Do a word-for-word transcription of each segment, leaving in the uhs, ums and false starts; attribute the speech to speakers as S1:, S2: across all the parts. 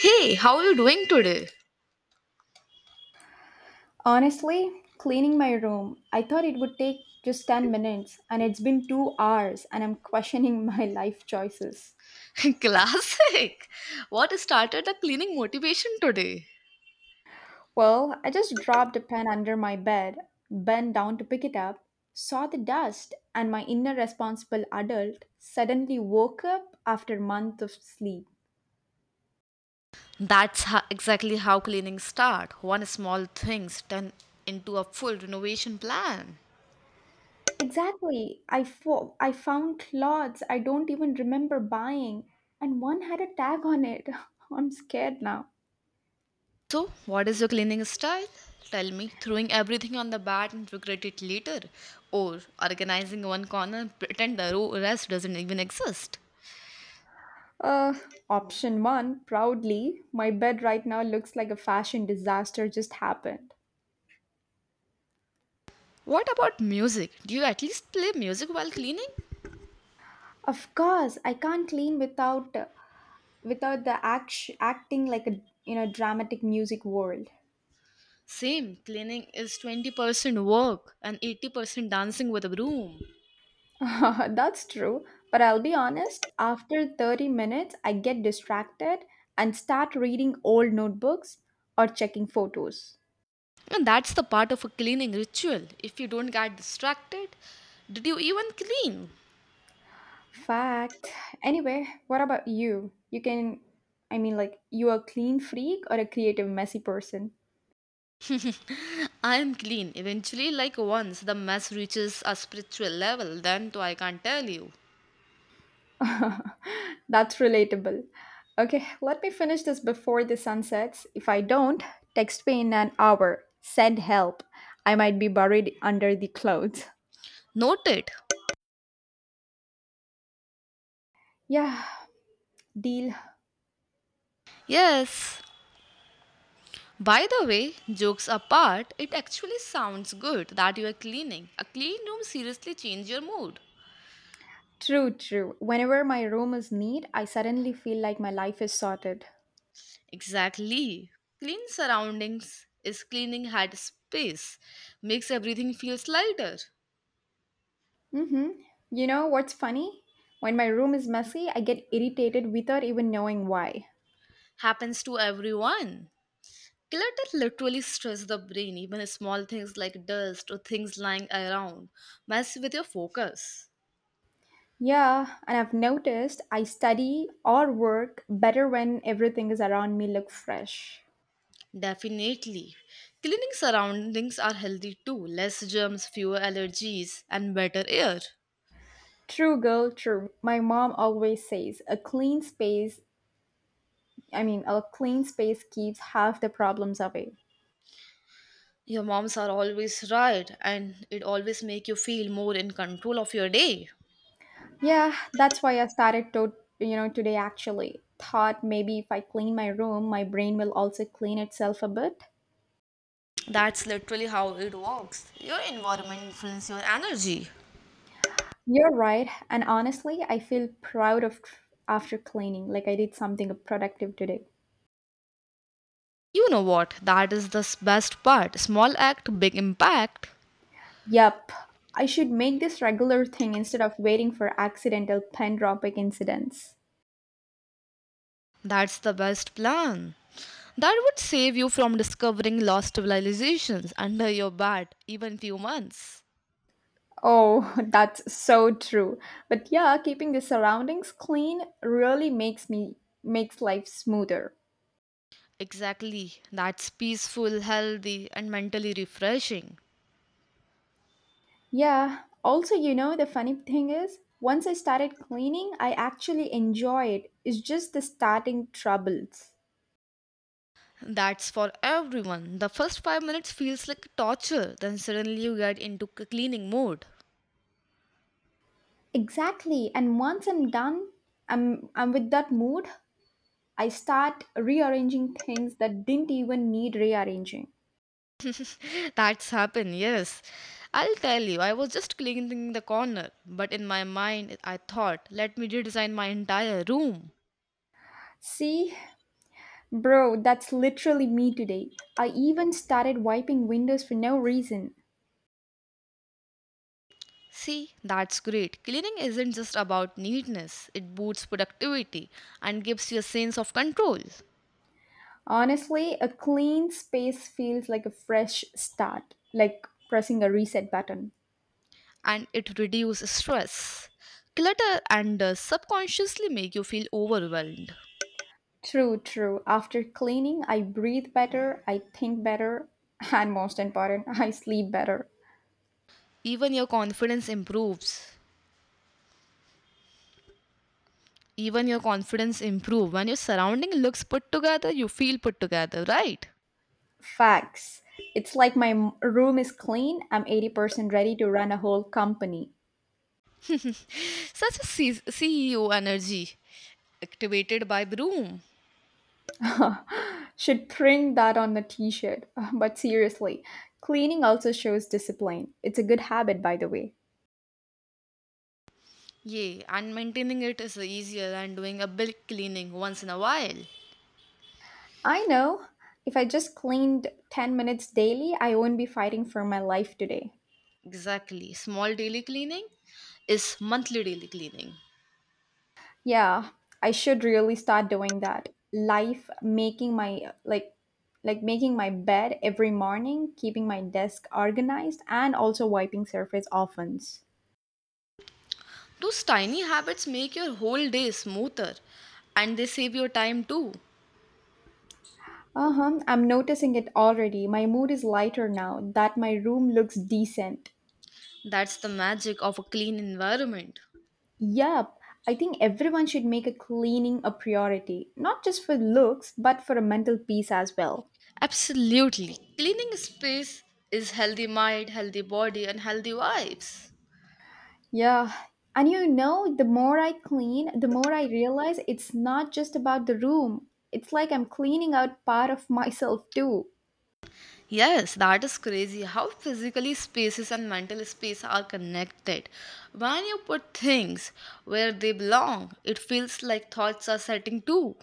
S1: Hey, how are you doing today?
S2: Honestly, cleaning my room, I thought it would take just ten minutes, and it's been two hours, and I'm questioning my life choices.
S1: Classic. What started the cleaning motivation today?
S2: Well, I just dropped a pen under my bed, bent down to pick it up, saw the dust, and my inner responsible adult suddenly woke up after months of sleep.
S1: That's ho- exactly how cleaning start. One small things turn into a full renovation plan.
S2: Exactly, I, fo- I found clothes I don't even remember buying, and one had a tag on it. I'm scared now.
S1: So, what is your cleaning style? Tell me, throwing everything on the bed and regret it later, or organizing one corner and pretend the row rest doesn't even exist.
S2: Uh, Option one, proudly, my bed right now looks like a fashion disaster just happened.
S1: What about music? Do you at least play music while cleaning?
S2: Of course, I can't clean without uh, without the act- acting like a in a dramatic music world.
S1: Same, cleaning is twenty percent work and eighty percent dancing with a broom.
S2: That's true, but I'll be honest, after thirty minutes, I get distracted and start reading old notebooks or checking photos.
S1: And that's the part of a cleaning ritual. If you don't get distracted, did you even clean?
S2: Fact. Anyway, what about you? You can, I mean, like, you a clean freak or a creative, messy person?
S1: I am clean. Eventually, like once the mess reaches a spiritual level, then too I can't tell you.
S2: That's relatable. Okay, let me finish this before the sun sets. If I don't, text me in an hour. Send help. I might be buried under the clothes.
S1: Noted.
S2: Yeah, deal.
S1: Yes. By the way, jokes apart, it actually sounds good that you are cleaning. A clean room seriously changes your mood.
S2: True, true. Whenever my room is neat, I suddenly feel like my life is sorted.
S1: Exactly. Clean surroundings is cleaning head space, makes everything feels lighter.
S2: Mm-hmm. You know what's funny? When my room is messy, I get irritated without even knowing why.
S1: Happens to everyone. Clutter literally stresses the brain, even small things like dust or things lying around mess with your focus.
S2: Yeah, and I've noticed I study or work better when everything is around me look fresh.
S1: Definitely. Cleaning surroundings are healthy too, less germs, fewer allergies, and better air.
S2: True, girl, true. My mom always says a clean space, I mean, a clean space keeps half the problems away.
S1: Your moms are always right, and it always make you feel more in control of your day.
S2: Yeah, that's why I started to, you know, today actually. Thought maybe if I clean my room, my brain will also clean itself a bit.
S1: That's literally how it works. Your environment influences your energy.
S2: You're right, and honestly, I feel proud of after cleaning, like I did something productive today.
S1: You know what? That is the s- best part. Small act, big impact.
S2: Yup, I should make this regular thing instead of waiting for accidental pen dropping incidents.
S1: That's the best plan. That would save you from discovering lost civilizations under your bat, even few months.
S2: Oh, that's so true. But yeah, keeping the surroundings clean really makes me makes life smoother.
S1: Exactly. That's peaceful, healthy, and mentally refreshing.
S2: Yeah. Also, you know, the funny thing is, once I started cleaning, I actually enjoy it. It's just the starting troubles.
S1: That's for everyone. The first five minutes feels like torture, then suddenly you get into c- cleaning mode.
S2: Exactly. And once I'm done, I'm I'm with that mood, I start rearranging things that didn't even need rearranging.
S1: That's happened, yes. I'll tell you, I was just cleaning the corner, but in my mind, I thought, let me redesign my entire room.
S2: See, bro, that's literally me today. I even started wiping windows for no reason.
S1: See, that's great. Cleaning isn't just about neatness, it boosts productivity and gives you a sense of control,
S2: Honestly, a clean space feels like a fresh start, like pressing a reset button.
S1: and it reduces stress. Clutter and uh, subconsciously make you feel overwhelmed.
S2: True, true. After cleaning, I breathe better, I think better, and most important, I sleep better.
S1: Even your confidence improves. Even your confidence improve when your surrounding looks put together, you feel put together, right?
S2: Facts. It's like my m- room is clean, I'm eighty percent ready to run a whole company.
S1: Such a C- CEO energy activated by broom.
S2: Should print that on the t shirt. But seriously, cleaning also shows discipline. It's a good habit, by the way.
S1: Yeah, and maintaining it is easier than doing a big cleaning once in a while.
S2: I know. If I just cleaned ten minutes daily, I won't be fighting for my life today.
S1: Exactly. Small daily cleaning is monthly daily cleaning.
S2: Yeah, I should really start doing that. Life making my like like making my bed every morning, keeping my desk organized and also wiping surface often.
S1: Those tiny habits make your whole day smoother and they save your time too.
S2: Uh huh. I'm noticing it already. My mood is lighter now that my room looks decent.
S1: That's the magic of a clean environment.
S2: Yup. I think everyone should make a cleaning a priority, not just for looks, but for a mental peace as well.
S1: Absolutely. Cleaning space is healthy mind, healthy body, and healthy vibes.
S2: Yeah. And you know, the more I clean, the more I realize it's not just about the room. It's like I'm cleaning out part of myself too.
S1: Yes, that is crazy how physically spaces and mental space are connected. When you put things where they belong, it feels like thoughts are setting too.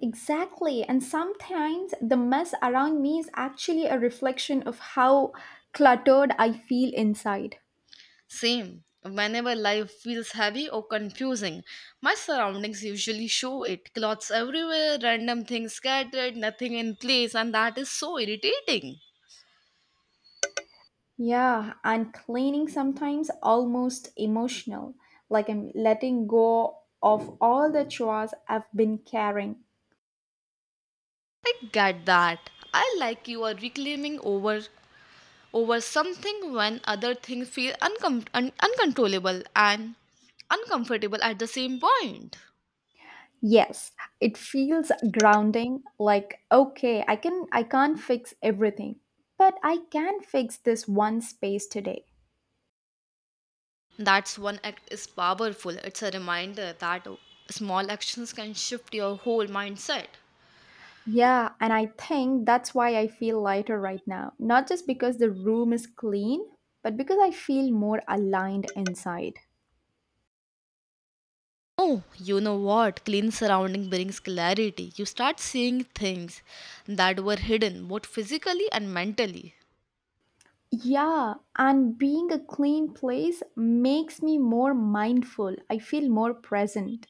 S2: Exactly. And sometimes the mess around me is actually a reflection of how cluttered I feel inside.
S1: Same. Whenever life feels heavy or confusing, my surroundings usually show it. Clothes everywhere, random things scattered, nothing in place, and that is so irritating.
S2: Yeah, and cleaning sometimes almost emotional, like I'm letting go of all the chores I've been carrying.
S1: I get that. I like you are reclaiming over over something when other things feel uncom- un- uncontrollable and uncomfortable at the same point.
S2: Yes, it feels grounding, like okay, I can I can't fix everything, but I can fix this one space today.
S1: That's one act is powerful. It's a reminder that small actions can shift your whole mindset.
S2: Yeah, and I think that's why I feel lighter right now, not just because the room is clean, but because I feel more aligned inside.
S1: Oh, you know what? Clean surrounding brings clarity. You start seeing things that were hidden both physically and mentally.
S2: Yeah, and being a clean place makes me more mindful. I feel more present.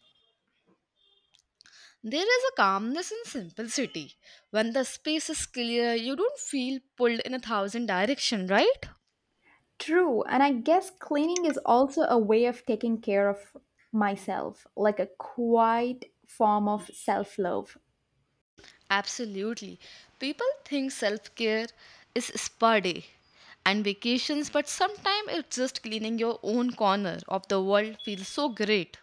S1: There is a calmness in simplicity. When the space is clear, you don't feel pulled in a thousand directions, right?
S2: True, and I guess cleaning is also a way of taking care of myself, like a quiet form of self love.
S1: Absolutely. People think self care is spa day and vacations, but sometimes it's just cleaning your own corner of the world feels so great.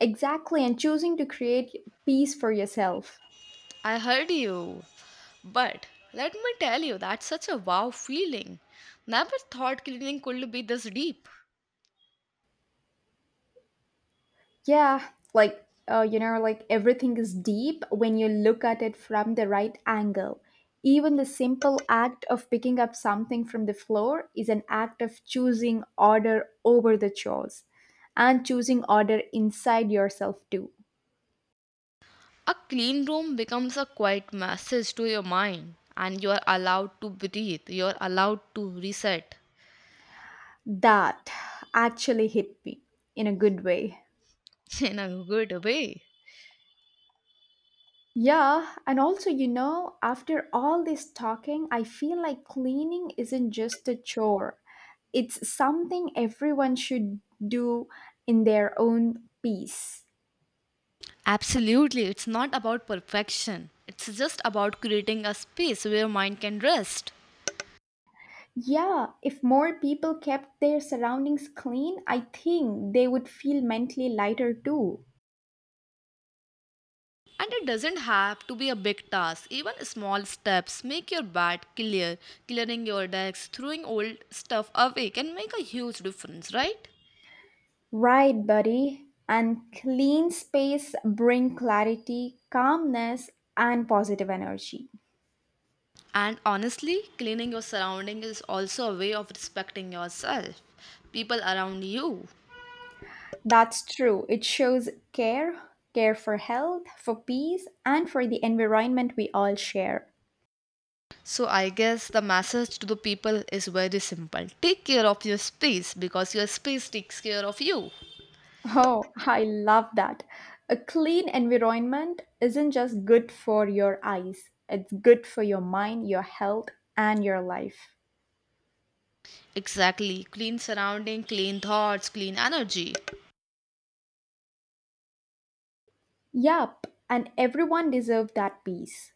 S2: Exactly, and choosing to create peace for yourself.
S1: I heard you. But let me tell you, that's such a wow feeling. Never thought cleaning could be this deep.
S2: Yeah, like uh, you know, like everything is deep when you look at it from the right angle. Even the simple act of picking up something from the floor is an act of choosing order over the chores and choosing order inside yourself too.
S1: A clean room becomes a quiet message to your mind, and you're allowed to breathe, you're allowed to reset.
S2: That actually hit me in a good way.
S1: In a good way.
S2: Yeah, and also, you know, after all this talking, I feel like cleaning isn't just a chore. It's something everyone should do in their own peace.
S1: Absolutely, it's not about perfection. It's just about creating a space where mind can rest.
S2: Yeah, if more people kept their surroundings clean, I think they would feel mentally lighter too.
S1: And it doesn't have to be a big task. Even small steps make your bed clear, clearing your decks, throwing old stuff away can make a huge difference, right?
S2: Right, buddy. And clean space bring clarity, calmness, and positive energy.
S1: And honestly, cleaning your surroundings is also a way of respecting yourself, people around you.
S2: That's true. It shows care, care for health, for peace, and for the environment we all share.
S1: So I guess the message to the people is very simple. Take care of your space because your space takes care of you.
S2: Oh, I love that. A clean environment isn't just good for your eyes, it's good for your mind, your health, and your life.
S1: Exactly. Clean surrounding, clean thoughts, clean energy.
S2: Yup, and everyone deserves that peace.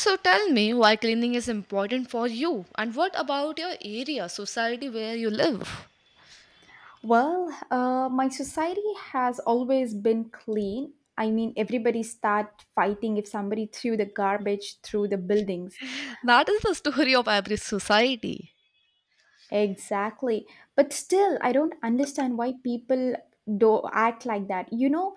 S1: So tell me why cleaning is important for you and what about your area, society where you live?
S2: Well, uh, my society has always been clean. I mean, everybody start fighting if somebody threw the garbage through the buildings.
S1: That is the story of every society.
S2: Exactly. But still, I don't understand why people do act like that. You know,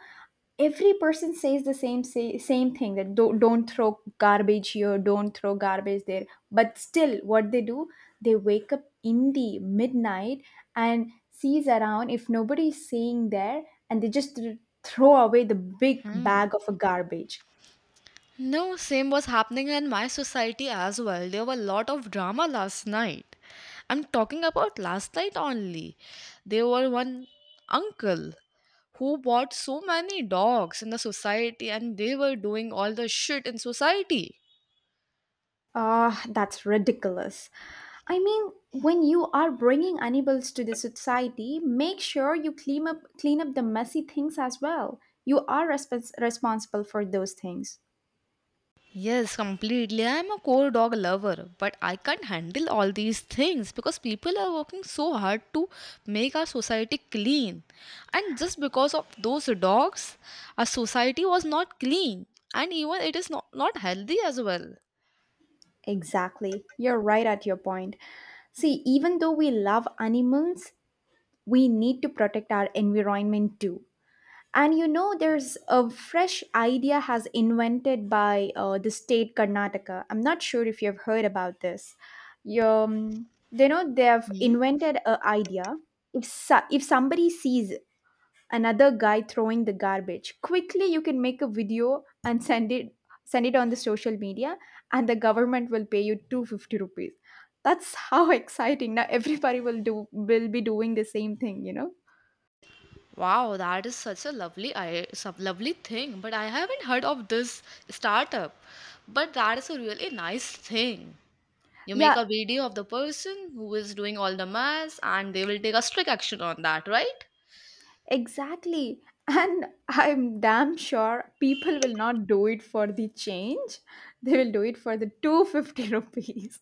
S2: Every person says the same say, same thing that don't, don't throw garbage here, don't throw garbage there. But still, what they do, they wake up in the midnight and sees around if nobody is saying there, and they just th- throw away the big bag of a garbage.
S1: No, same was happening in my society as well. There were a lot of drama last night. I'm talking about last night only. There were one uncle who bought so many dogs in the society and they were doing all the shit in society.
S2: Ah, that's ridiculous. I mean, when you are bringing animals to the society, make sure you clean up clean up the messy things as well. You are respons- responsible for those things.
S1: Yes, completely. I'm a core dog lover, but I can't handle all these things because people are working so hard to make our society clean. And just because of those dogs, our society was not clean. And even it is not, not healthy as well.
S2: Exactly. You're right at your point. See, even though we love animals, we need to protect our environment too. And you know, there's a fresh idea has invented by uh, the state Karnataka. I'm not sure if you've heard about this. You, um, they know They have
S1: Hmm?
S2: invented a idea. If so- if somebody sees another guy throwing the garbage, quickly you can make a video and send it send it on the social media, and the government will pay you two hundred fifty rupees. That's how exciting! Now everybody will do will be doing the same thing. You know?
S1: Wow, that is such a lovely, i- some lovely thing. But I haven't heard of this startup. But that is a really nice thing. You make
S2: Yeah,
S1: a video of the person who is doing all the maths and they will take a strict action on that, right?
S2: exactly. And I'm damn sure people will not do it for the change. They will do it for the two hundred fifty rupees.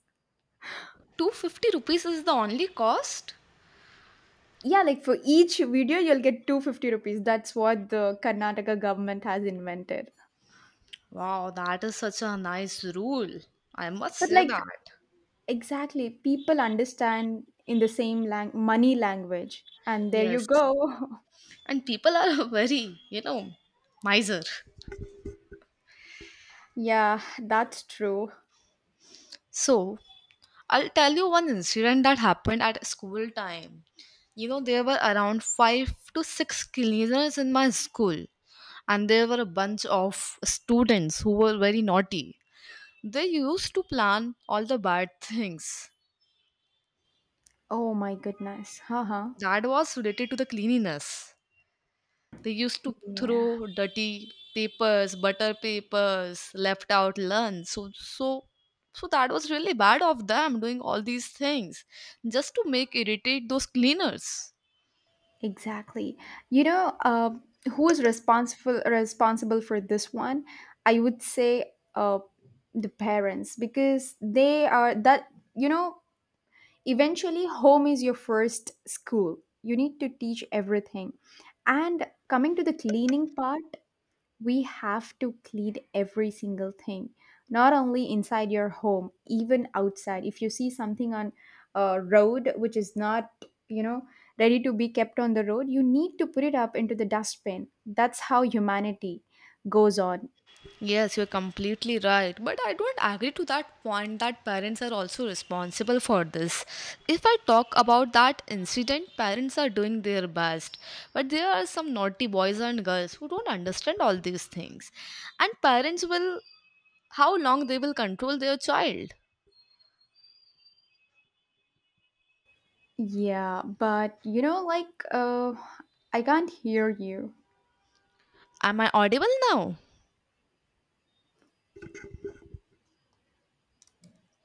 S1: two hundred fifty rupees is the only cost?
S2: Yeah, like for each video, you'll get two hundred fifty rupees. That's what the Karnataka government has invented.
S1: Wow, that is such a nice rule. I must
S2: But
S1: say
S2: like,
S1: that.
S2: exactly, people understand in the same lang- money language. And there you
S1: Yes.
S2: go.
S1: And people are very, you know, miser.
S2: Yeah, that's true.
S1: So, I'll tell you one incident that happened at school time. You know, there were around five to six cleaners in my school, and there were a bunch of students who were very naughty. They used to plan all the bad things
S2: Oh my goodness. Haha.
S1: that was related to the cleanliness. They used to
S2: Yeah.
S1: throw dirty papers, butter papers, left out lunch. So, so, so that was really bad of them doing all these things just to make irritate those cleaners.
S2: Exactly. You know, uh, who is responsible responsible for this one? I would say uh, the parents because they are that you know eventually home is your first school. You need to teach everything. And coming to the cleaning part, we have to clean every single thing, not only inside your home, even outside. If you see something on a road which is not you know ready to be kept on the road, you need to put it up into the dustbin. That's how humanity goes on.
S1: Yes, you're completely right. But I don't agree to that point that parents are also responsible for this. If I talk about that incident, parents are doing their best. But there are some naughty boys and girls who don't understand all these things. And parents will, how long they will control their child.
S2: Yeah, but you know like uh, I can't hear you.
S1: Am I audible now?